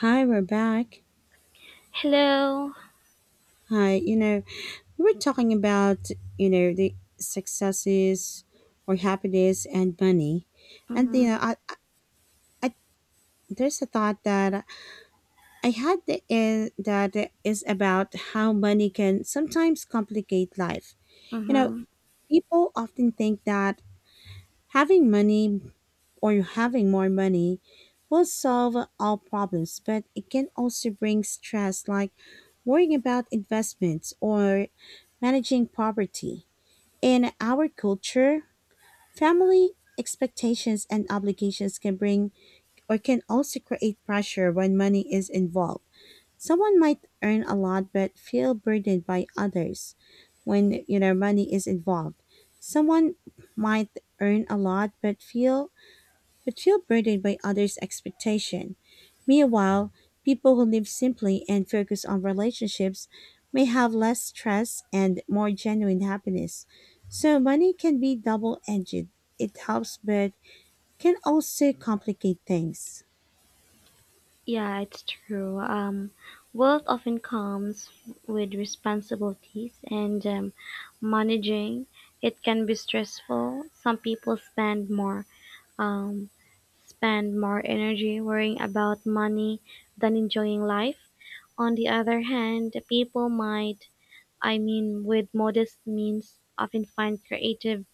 Hi, we're back. Hello. Hi, we were talking about, the successes or happiness and money. And, Mm-hmm. I, there's a thought that I had that is about how money can sometimes complicate life. You know, Mm-hmm. people often think that having money or having more money will solve all problems, but it can also bring stress like worrying about investments or managing poverty. In our culture, family expectations and obligations can bring or can also create pressure when money is involved. Someone might earn a lot but feel burdened by others when money is involved. Someone might earn a lot but feel burdened by others' expectation. Meanwhile, people who live simply and focus on relationships may have less stress and more genuine happiness. So money can be double-edged. It helps but can also complicate things. Yeah, it's true. Wealth often comes with responsibilities and managing it can be stressful. Some people um, spend more energy worrying about money than enjoying life. On the other hand, people might, I mean, with modest means, often find creative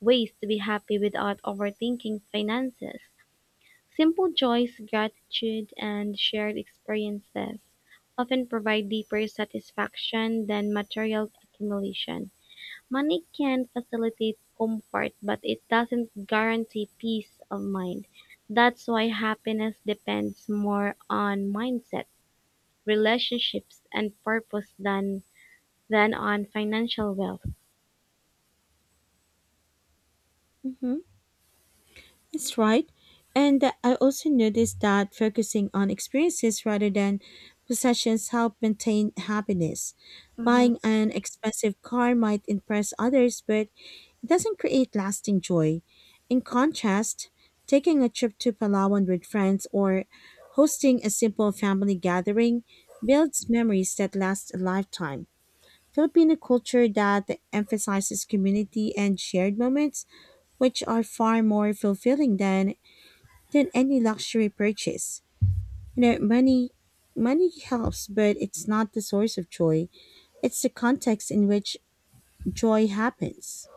ways to be happy without overthinking finances. Simple joys, gratitude, and shared experiences often provide deeper satisfaction than material accumulation. Money can facilitate comfort, but it doesn't guarantee peace of mind. That's why happiness depends more on mindset, relationships, and purpose than on financial wealth. Mm-hmm. That's right. And I also noticed that focusing on experiences rather than possessions help maintain happiness. Hmm. Buying an expensive car might impress others, but it doesn't create lasting joy. In contrast, taking a trip to Palawan with friends or hosting a simple family gathering builds memories that last a lifetime. Filipino culture that emphasizes community and shared moments, which are far more fulfilling than any luxury purchase. You know, money money helps, but it's not the source of joy. It's the context in which joy happens.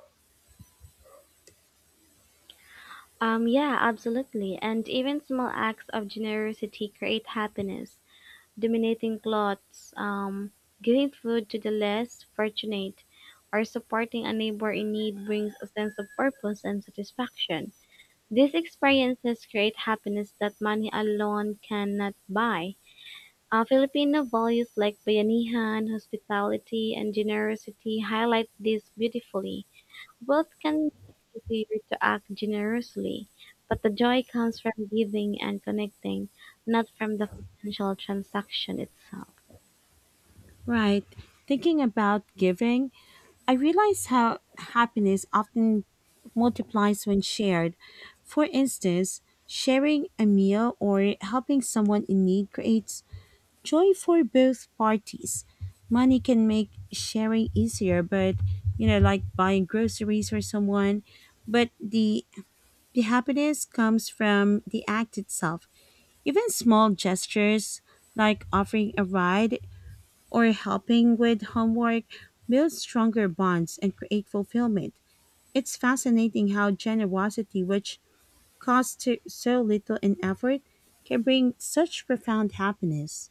Yeah, absolutely. And even small acts of generosity create happiness. Donating clothes, giving food to the less fortunate, or supporting a neighbor in need brings a sense of purpose and satisfaction. These experiences create happiness that money alone cannot buy. Filipino values like bayanihan, hospitality, and generosity highlight this beautifully. Wealth can be easier to act generously, but the joy comes from giving and connecting, not from the financial transaction itself. Right. Thinking about giving, I realize how happiness often multiplies when shared. For instance, sharing a meal or helping someone in need creates joy for both parties. Money can make sharing easier, like buying groceries for someone. But the happiness comes from the act itself. Even small gestures like offering a ride or helping with homework build stronger bonds and create fulfillment. It's fascinating how generosity, which costs so little in effort, can bring such profound happiness.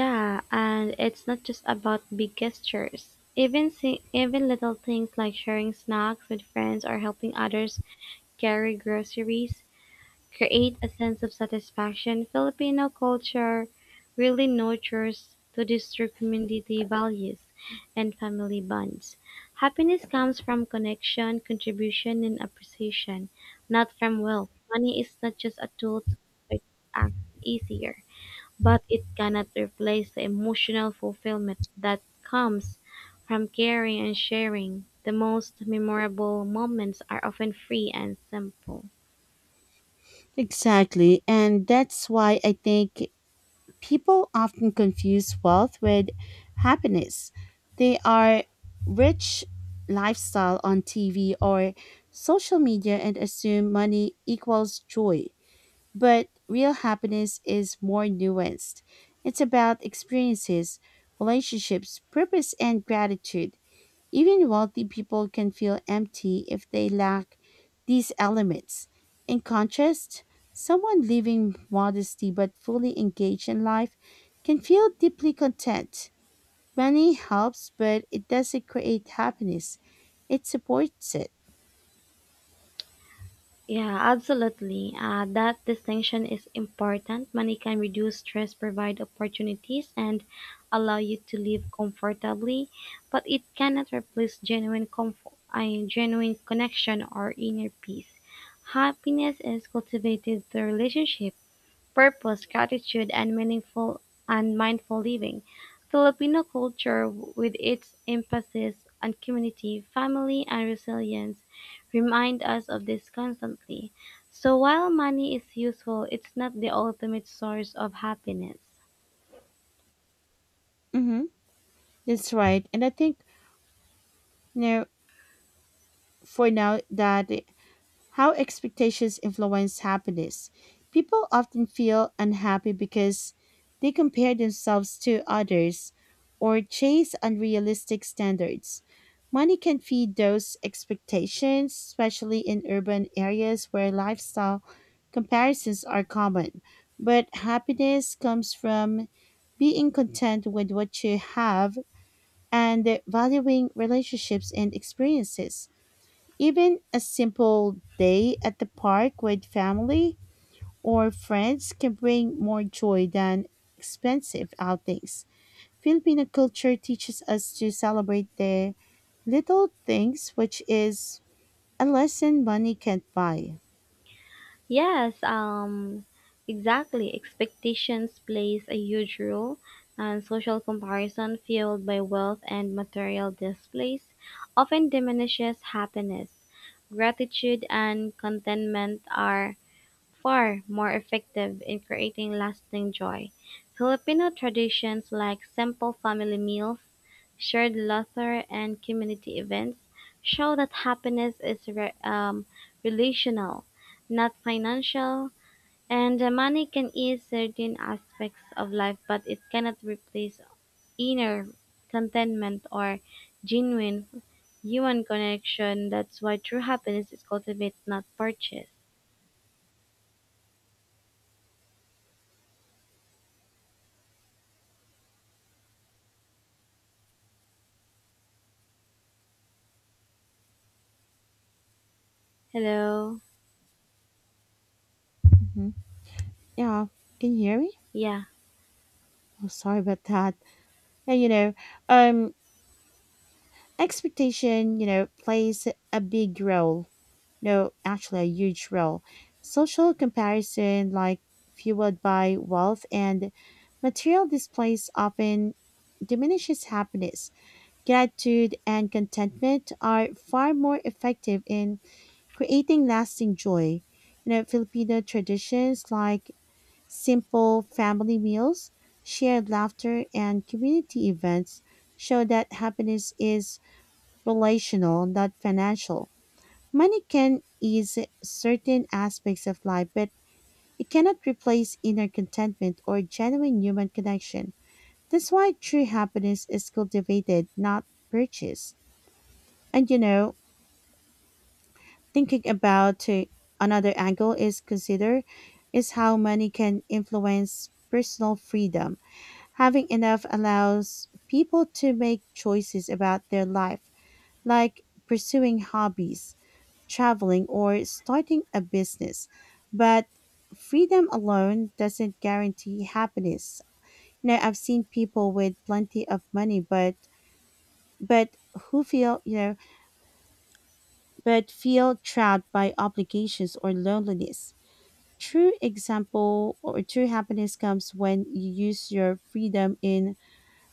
Yeah, and it's not just about big gestures. Even little things like sharing snacks with friends or helping others carry groceries create a sense of satisfaction. Filipino culture really nurtures to this through community values and family bonds. Happiness comes from connection, contribution, and appreciation, not from wealth. Money is not just a tool to make act easier, but it cannot replace the emotional fulfillment that comes from caring and sharing. The most memorable moments are often free and simple. Exactly. And that's why I think people often confuse wealth with happiness. They are rich lifestyle on TV or social media and assume money equals joy. But real happiness is more nuanced. It's about experiences, relationships, purpose, and gratitude. Even wealthy people can feel empty if they lack these elements. In contrast, someone living modestly but fully engaged in life can feel deeply content. Money helps, but it doesn't create happiness. It supports it. Yeah, absolutely. That distinction is important. Money can reduce stress, provide opportunities, and allow you to live comfortably, but it cannot replace genuine comfort, I genuine connection or inner peace. Happiness is cultivated through relationship, purpose, gratitude, and meaningful and mindful living. Filipino culture, with its emphasis on community, family, and resilience, remind us of this constantly. So while money is useful, it's not the ultimate source of happiness. Mm-hmm. That's right. And I think, you know, for now that how expectations influence happiness. People often feel unhappy because they compare themselves to others or chase unrealistic standards. Money can feed those expectations, especially in urban areas where lifestyle comparisons are common. But happiness comes from being content with what you have and valuing relationships and experiences. Even a simple day at the park with family or friends can bring more joy than expensive outings. Filipino culture teaches us to celebrate the little things, which is a lesson money can't buy. Yes, exactly. Expectations plays a huge role, and social comparison fueled by wealth and material displays often diminishes happiness. Gratitude and contentment are far more effective in creating lasting joy. Filipino traditions like simple family meals, shared laughter, and community events show that happiness is relational, not financial. And money can ease certain aspects of life, but it cannot replace inner contentment or genuine human connection. That's why true happiness is cultivated, not purchased. Hello. Mhm. Yeah, can you hear me? Yeah. Oh, sorry about that. And um, expectation, plays a big role, no, actually a huge role. Social comparison, like fueled by wealth and material displays, often diminishes happiness. Gratitude and contentment are far more effective in creating lasting joy. Filipino traditions like simple family meals, shared laughter, and community events show that happiness is relational, not financial. Money can ease certain aspects of life, but it cannot replace inner contentment or genuine human connection. That's why true happiness is cultivated, not purchased. And thinking about another angle is how money can influence personal freedom. Having enough allows people to make choices about their life, like pursuing hobbies, traveling, or starting a business. But freedom alone doesn't guarantee happiness. I've seen people with plenty of money, but who feel but feel trapped by obligations or loneliness. True example or True happiness comes when you use your freedom in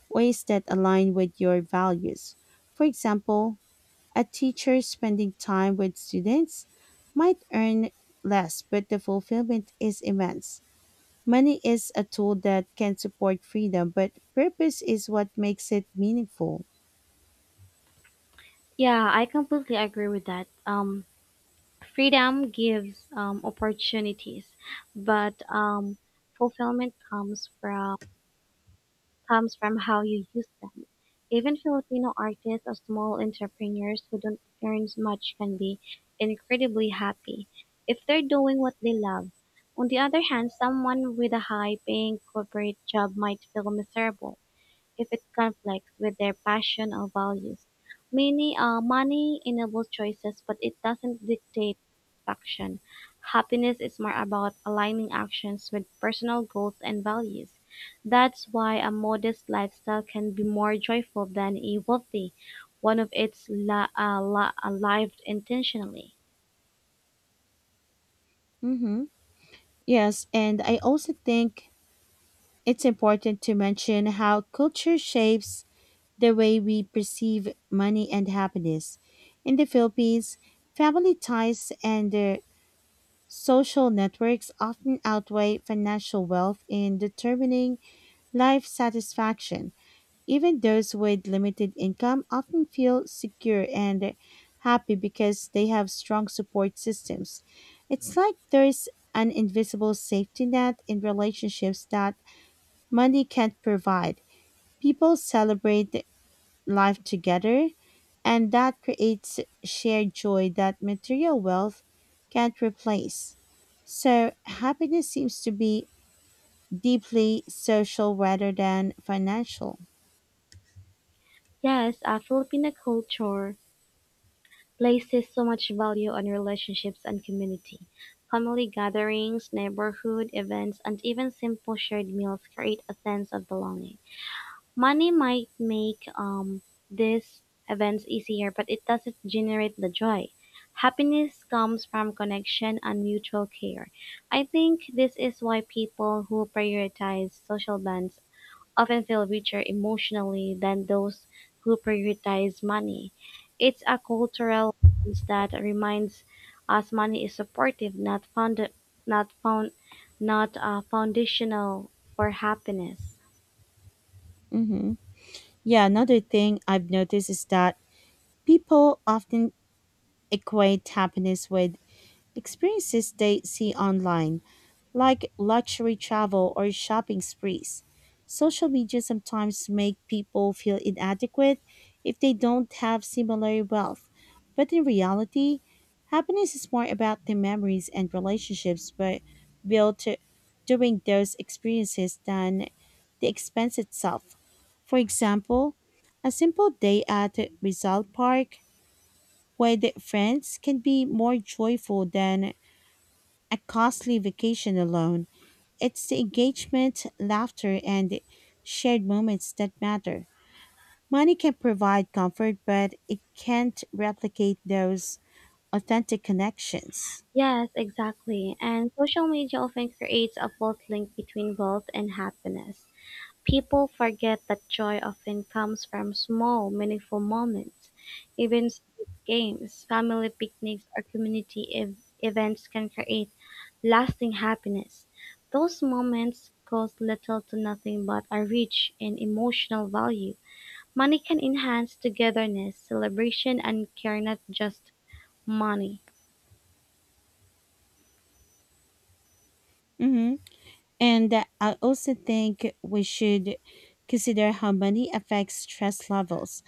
ways that align with your values. For example, a teacher spending time with students might earn less, but the fulfillment is immense. Money is a tool that can support freedom, but purpose is what makes it meaningful. Yeah, I completely agree with that. Freedom gives opportunities, but fulfillment comes from how you use them. Even Filipino artists or small entrepreneurs who don't earn much can be incredibly happy if they're doing what they love. On the other hand, someone with a high-paying corporate job might feel miserable if it conflicts with their passion or values. Money enables choices, but it doesn't dictate action. Happiness is more about aligning actions with personal goals and values. That's why a modest lifestyle can be more joyful than a wealthy one if it's lived intentionally. Mm-hmm. Yes, and I also think it's important to mention how culture shapes the way we perceive money and happiness. In the Philippines, family ties and social networks often outweigh financial wealth in determining life satisfaction. Even those with limited income often feel secure and happy because they have strong support systems. It's like there's an invisible safety net in relationships that money can't provide. People celebrate life together, and that creates shared joy that material wealth can't replace. So, happiness seems to be deeply social rather than financial. Yes, Filipino culture places so much value on relationships and community. Family gatherings, neighborhood events, and even simple shared meals create a sense of belonging. Money might make these events easier, but it doesn't generate the joy. Happiness comes from connection and mutual care. I think this is why people who prioritize social bonds often feel richer emotionally than those who prioritize money. It's a cultural lens that reminds us money is supportive, not found, not found, not foundational for happiness. Mm-hmm. Yeah, another thing I've noticed is that people often equate happiness with experiences they see online, like luxury travel or shopping sprees. Social media sometimes make people feel inadequate if they don't have similar wealth. But in reality, happiness is more about the memories and relationships we built during those experiences than the expense itself. For example, a simple day at Rizal Park with friends can be more joyful than a costly vacation alone. It's the engagement, laughter, and shared moments that matter. Money can provide comfort, but it can't replicate those authentic connections. Yes, exactly. And social media often creates a false link between wealth and happiness. People forget that joy often comes from small, meaningful moments. Even street games, family picnics, or community events can create lasting happiness. Those moments cost little to nothing but are rich in emotional value. Money can enhance togetherness, celebration, and care, not just money. Hmm. And I also think we should consider how money affects stress levels.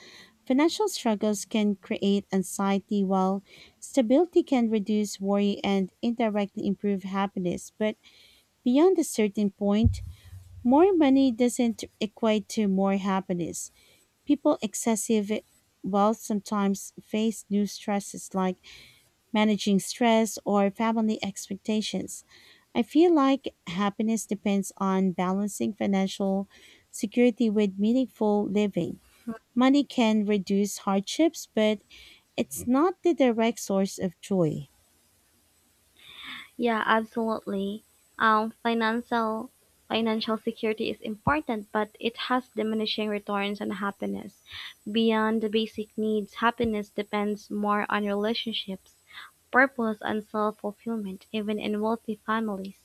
Financial struggles can create anxiety, while stability can reduce worry and indirectly improve happiness. But beyond a certain point, more money doesn't equate to more happiness. People excessive wealth sometimes face new stresses like managing stress or family expectations. I feel like happiness depends on balancing financial security with meaningful living. Money can reduce hardships, but it's not the direct source of joy. Yeah, absolutely. Um, financial financial security is important, but it has diminishing returns on happiness. Beyond the basic needs, happiness depends more on relationships, purpose and self-fulfillment, even in wealthy families.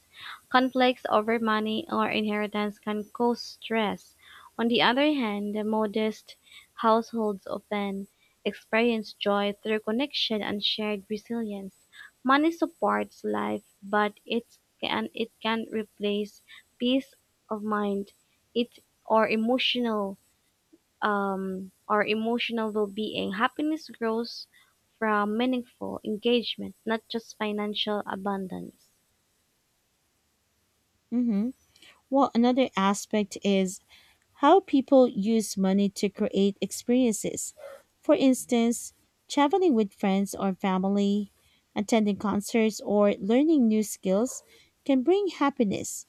Conflicts over money or inheritance can cause stress. On the other hand, modest households often experience joy through connection and shared resilience. Money supports life, but it can replace peace of mind it, or emotional or emotional well-being, happiness grows from meaningful engagement, not just financial abundance. Mhm. Well, another aspect is how people use money to create experiences. For instance, traveling with friends or family, attending concerts, or learning new skills can bring happiness.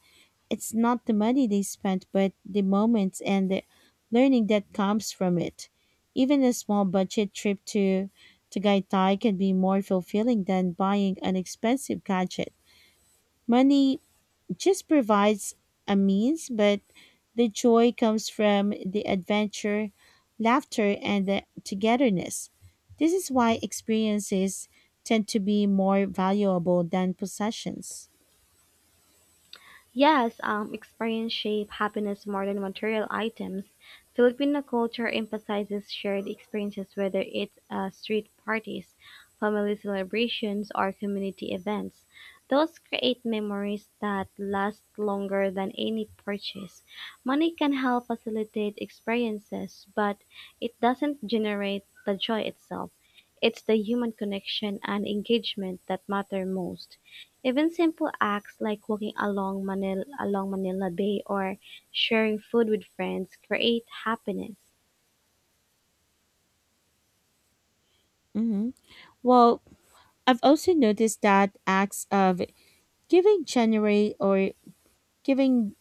It's not the money they spent, but the moments and the learning that comes from it. Even a small budget trip to Gaitai can be more fulfilling than buying an expensive gadget. Money just provides a means, but the joy comes from the adventure, laughter, and the togetherness. This is why experiences tend to be more valuable than possessions. Yes, experience shape happiness more than material items. Filipino culture emphasizes shared experiences, whether it's street parties, family celebrations, or community events. Those create memories that last longer than any purchase. Money can help facilitate experiences, but it doesn't generate the joy itself. It's the human connection and engagement that matter most. Even simple acts like walking along Manila Bay or sharing food with friends create happiness. Hmm. Well, I've also noticed that acts of giving generate or giving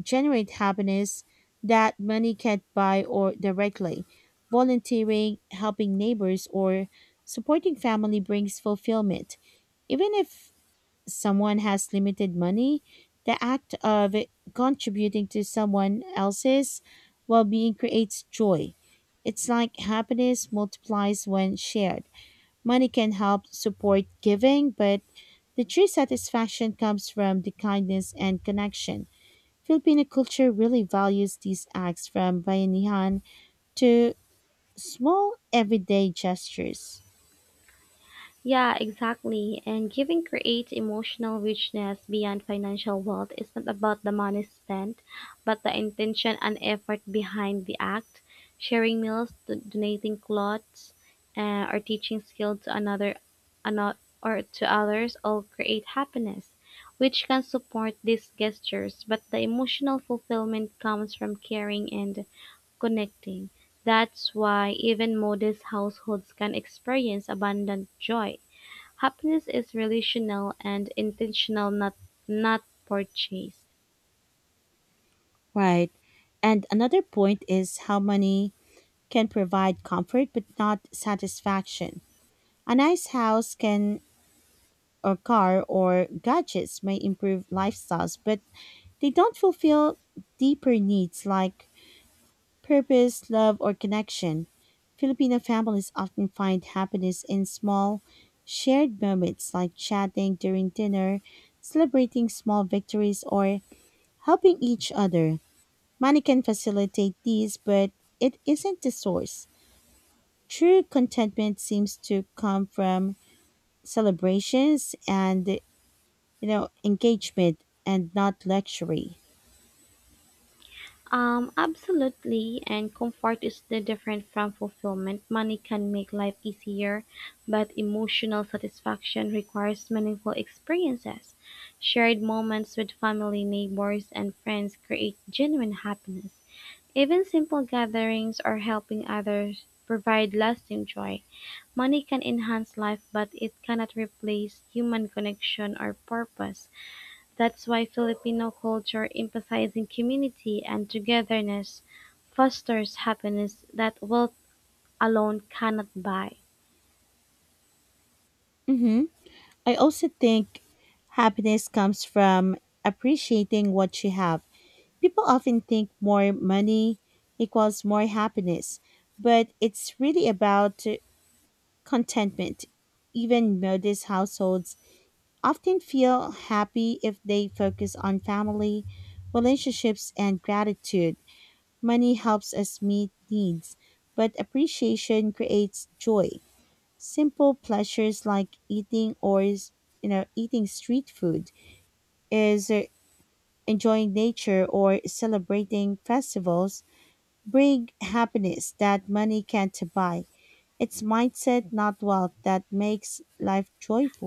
generate happiness that money can't buy or directly. Volunteering, helping neighbors, or supporting family brings fulfillment. Even if someone has limited money, the act of contributing to someone else's well being creates joy. It's like happiness multiplies when shared. Money can help support giving, but the true satisfaction comes from the kindness and connection. Filipino culture really values these acts from bayanihan to small everyday gestures. Yeah, exactly. And giving creates emotional richness beyond financial wealth. It's not about the money spent, but the intention and effort behind the act. Sharing meals, donating clothes, or teaching skill to another or to others all create happiness, which can support these gestures. But the emotional fulfillment comes from caring and connecting. That's why even modest households can experience abundant joy. Happiness is relational and intentional, not purchased. Right. And another point is how money can provide comfort but not satisfaction. A nice house can or car or gadgets may improve lifestyles, but they don't fulfill deeper needs like purpose, love, or connection. Filipino families often find happiness in small, shared moments like chatting during dinner, celebrating small victories, or helping each other. Money can facilitate these, but it isn't the source. True contentment seems to come from celebrations and engagement and not luxury. Absolutely. And comfort is the different from fulfillment. Money can make life easier, but emotional satisfaction requires meaningful experiences. Shared moments with family, neighbors, and friends create genuine happiness. Even simple gatherings or helping others provide lasting joy. Money can enhance life, but it cannot replace human connection or purpose. That's why Filipino culture emphasizing community and togetherness fosters happiness that wealth alone cannot buy. Mm-hmm. I also think happiness comes from appreciating what you have. People often think more money equals more happiness, but it's really about contentment. Even modest households often feel happy if they focus on family, relationships, and gratitude. Money helps us meet needs, but appreciation creates joy. Simple pleasures like eating or s- you know eating street food is, enjoying nature or celebrating festivals bring happiness that money can't buy. It's mindset, not wealth, that makes life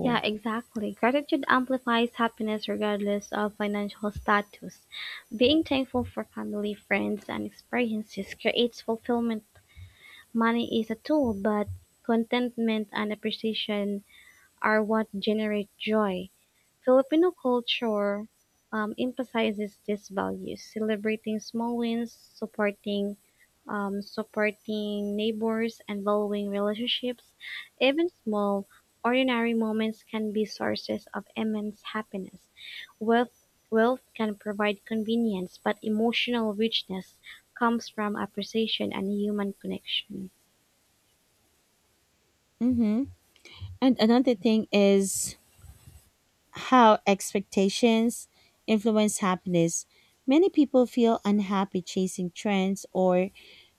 Yeah, exactly. Gratitude amplifies happiness regardless of financial status. Being thankful for family, friends, and experiences creates fulfillment. Money is a tool, but contentment and appreciation are what generate joy. Filipino culture emphasizes these values, celebrating small wins, supporting neighbors, and valuing relationships. Even small, ordinary moments can be sources of immense happiness. Wealth wealth can provide convenience, but emotional richness comes from appreciation and human connection. Mm-hmm. And another thing is how expectations influence happiness. Many people feel unhappy chasing trends or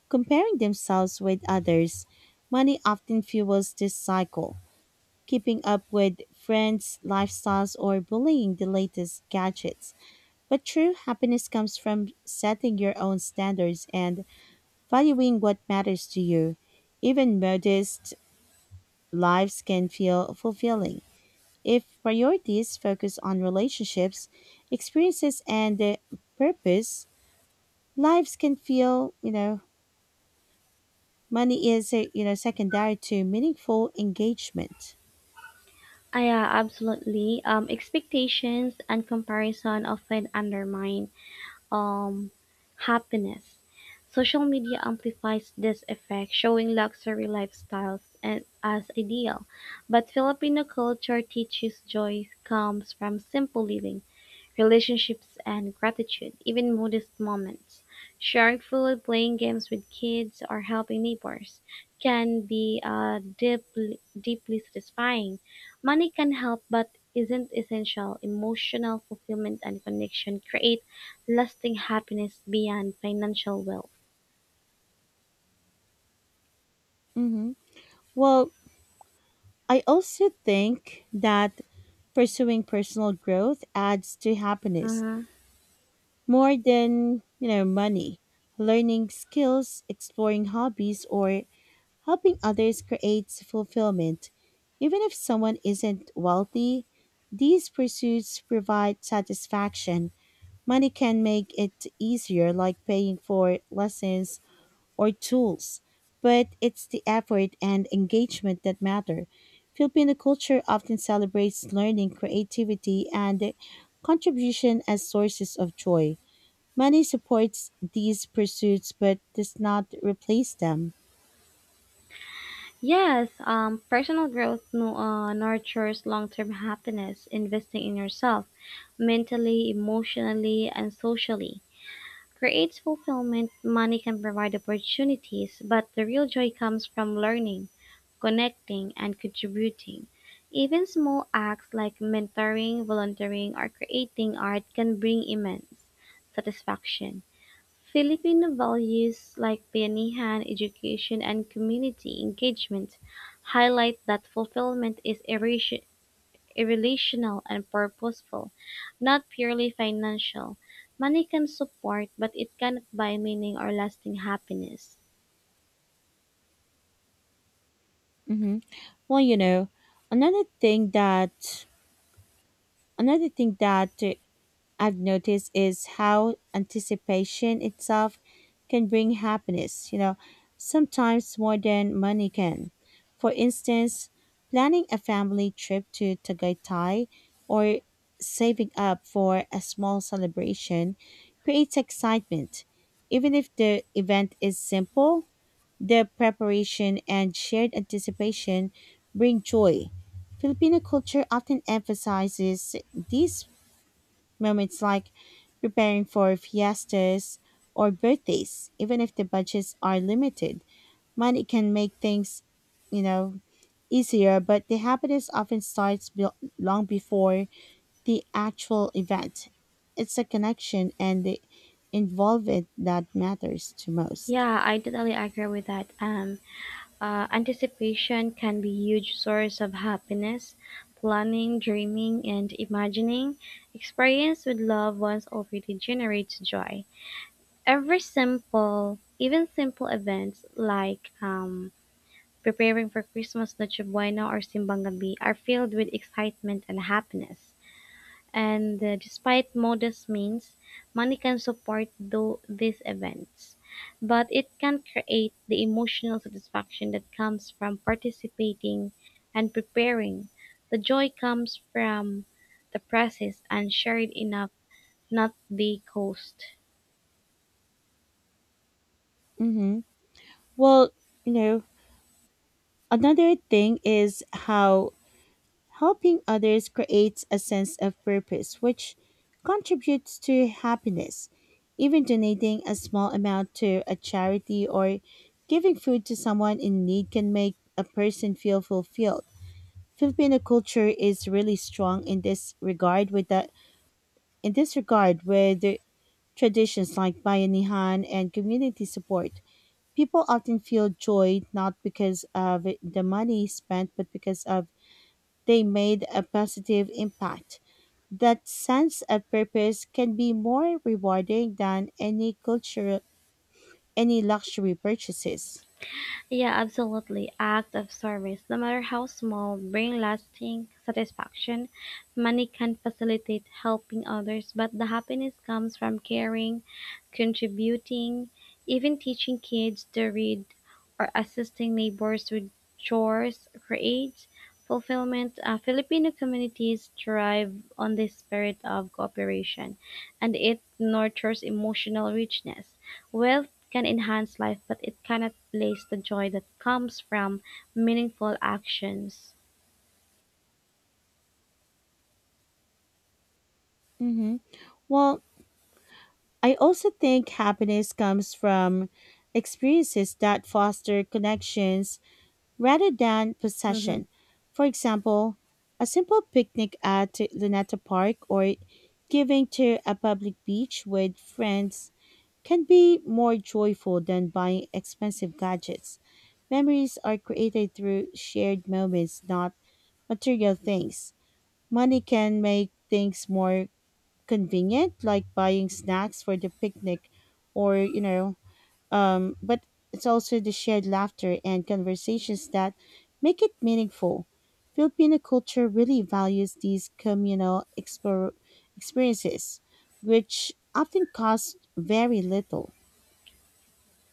comparing themselves with others, money often fuels this cycle. Keeping up with friends' lifestyles or bullying the latest gadgets. But true happiness comes from setting your own standards and valuing what matters to you. Even modest lives can feel fulfilling. If priorities focus on relationships, experiences, and purpose, lives can feel, money is, secondary to meaningful engagement. Yeah, absolutely. Expectations and comparison often undermine um, happiness. Social media amplifies this effect, showing luxury lifestyles and, as ideal. But Filipino culture teaches joy comes from simple living, relationships, and gratitude, even modest moments. Sharing food, playing games with kids, or helping neighbors can be deeply, deeply satisfying. Money can help, but isn't essential. Emotional fulfillment and connection create lasting happiness beyond financial wealth. Mm-hmm. Well, I also think that pursuing personal growth adds to happiness Mm-hmm. more than, money. Learning skills, exploring hobbies, or helping others creates fulfillment. Even if someone isn't wealthy, these pursuits provide satisfaction. Money can make it easier, like paying for lessons or tools, but it's the effort and engagement that matter. Filipino culture often celebrates learning, creativity, and contribution as sources of joy. Money supports these pursuits but does not replace them. Yes, personal growth nurtures long term happiness. Investing in yourself mentally, emotionally, and socially creates fulfillment. Money can provide opportunities, but the real joy comes from learning, connecting, and contributing. Even small acts like mentoring, volunteering, or creating art can bring immense satisfaction. Filipino values like Bayanihan education and community engagement highlight that fulfillment is irrelational and purposeful, not purely financial. Money can support, but it cannot buy meaning or lasting happiness. Hmm. Well, another thing that another thing that I've noticed is how anticipation itself can bring happiness, sometimes more than money can. For instance, planning a family trip to Tagaytay or saving up for a small celebration creates excitement. Even if the event is simple, the preparation and shared anticipation bring joy. Filipino culture often emphasizes these moments like preparing for fiestas or birthdays. Even if the budgets are limited, money can make things, you know, easier, but the happiness often starts long before the actual event. It's the connection and the involvement that matters to most. Yeah, I totally agree with that. Anticipation can be huge source of happiness. Planning, dreaming, and imagining experience with loved ones already generates joy. Even simple events like preparing for Christmas, Noche Buena, or Simbang Gabi are filled with excitement and happiness. And despite modest means, money can support these events, but it can create the emotional satisfaction that comes from participating and preparing. The joy comes from the process and shared enough, not the cost. Mm-hmm. Well, you know, another thing is how helping others creates a sense of purpose, which contributes to happiness. Even donating a small amount to a charity or giving food to someone in need can make a person feel fulfilled. Filipino culture is really strong in this regard with the traditions like bayanihan and community support. People often feel joy not because of the money spent but because of they made a positive impact. That sense of purpose can be more rewarding than any luxury purchases. Yeah, absolutely. Act of service, no matter how small, bring lasting satisfaction. Money can facilitate helping others, but the happiness comes from caring, contributing, even teaching kids to read or assisting neighbors with chores creates fulfillment. Filipino communities thrive on this spirit of cooperation and it nurtures emotional richness. Wealth can enhance life, but it cannot replace the joy that comes from meaningful actions. Hmm. Well, I also think happiness comes from experiences that foster connections rather than Hmm. possession. For example, a simple picnic at Luneta Park or giving to a public beach with friends can be more joyful than buying expensive gadgets. Memories are created through shared moments, not material things. Money can make things more convenient, like buying snacks for the picnic or, you know, but it's also the shared laughter and conversations that make it meaningful. Filipino culture really values these communal experiences, which often cost very little.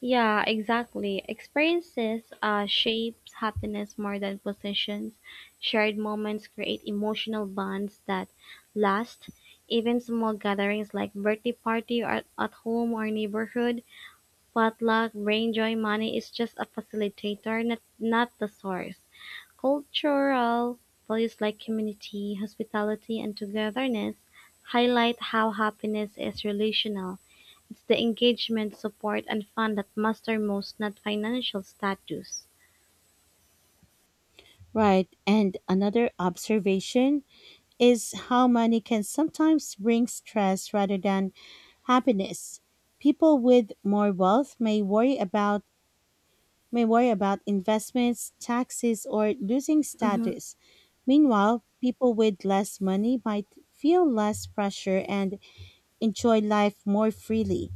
Yeah, exactly. Experiences shapes happiness more than possessions. Shared moments create emotional bonds that last. Even small gatherings like birthday party or at home or neighborhood, potluck, bring joy. Money is just a facilitator, not the source. Cultural values like community, hospitality, and togetherness highlight how happiness is relational. It's the engagement, support, and fun that matter most, not financial status. Right. And another observation is how money can sometimes bring stress rather than happiness. People with more wealth may worry about investments, taxes, or losing Hmm. status. Meanwhile, people with less money might feel less pressure and enjoy life more freely.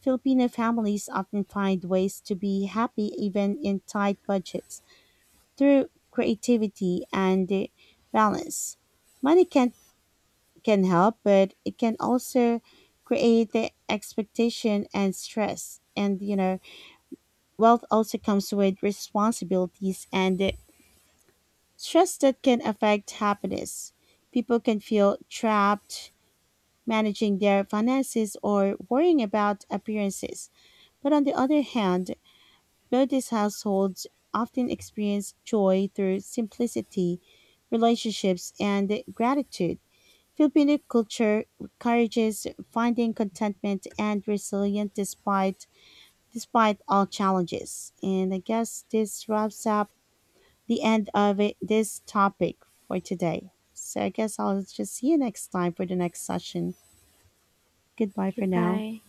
Filipino families often find ways to be happy even in tight budgets through creativity and balance. Money can help, but it can also create the expectation and stress. And wealth also comes with responsibilities and stress that can affect happiness. People can feel trapped managing their finances or worrying about appearances. But on the other hand, notice households often experience joy through simplicity, relationships, and gratitude. Filipino culture encourages finding contentment and resilience despite all challenges. And I guess this wraps up the end of it, this topic for today. So I guess I'll just see you next time for the next session. Goodbye for now. Goodbye.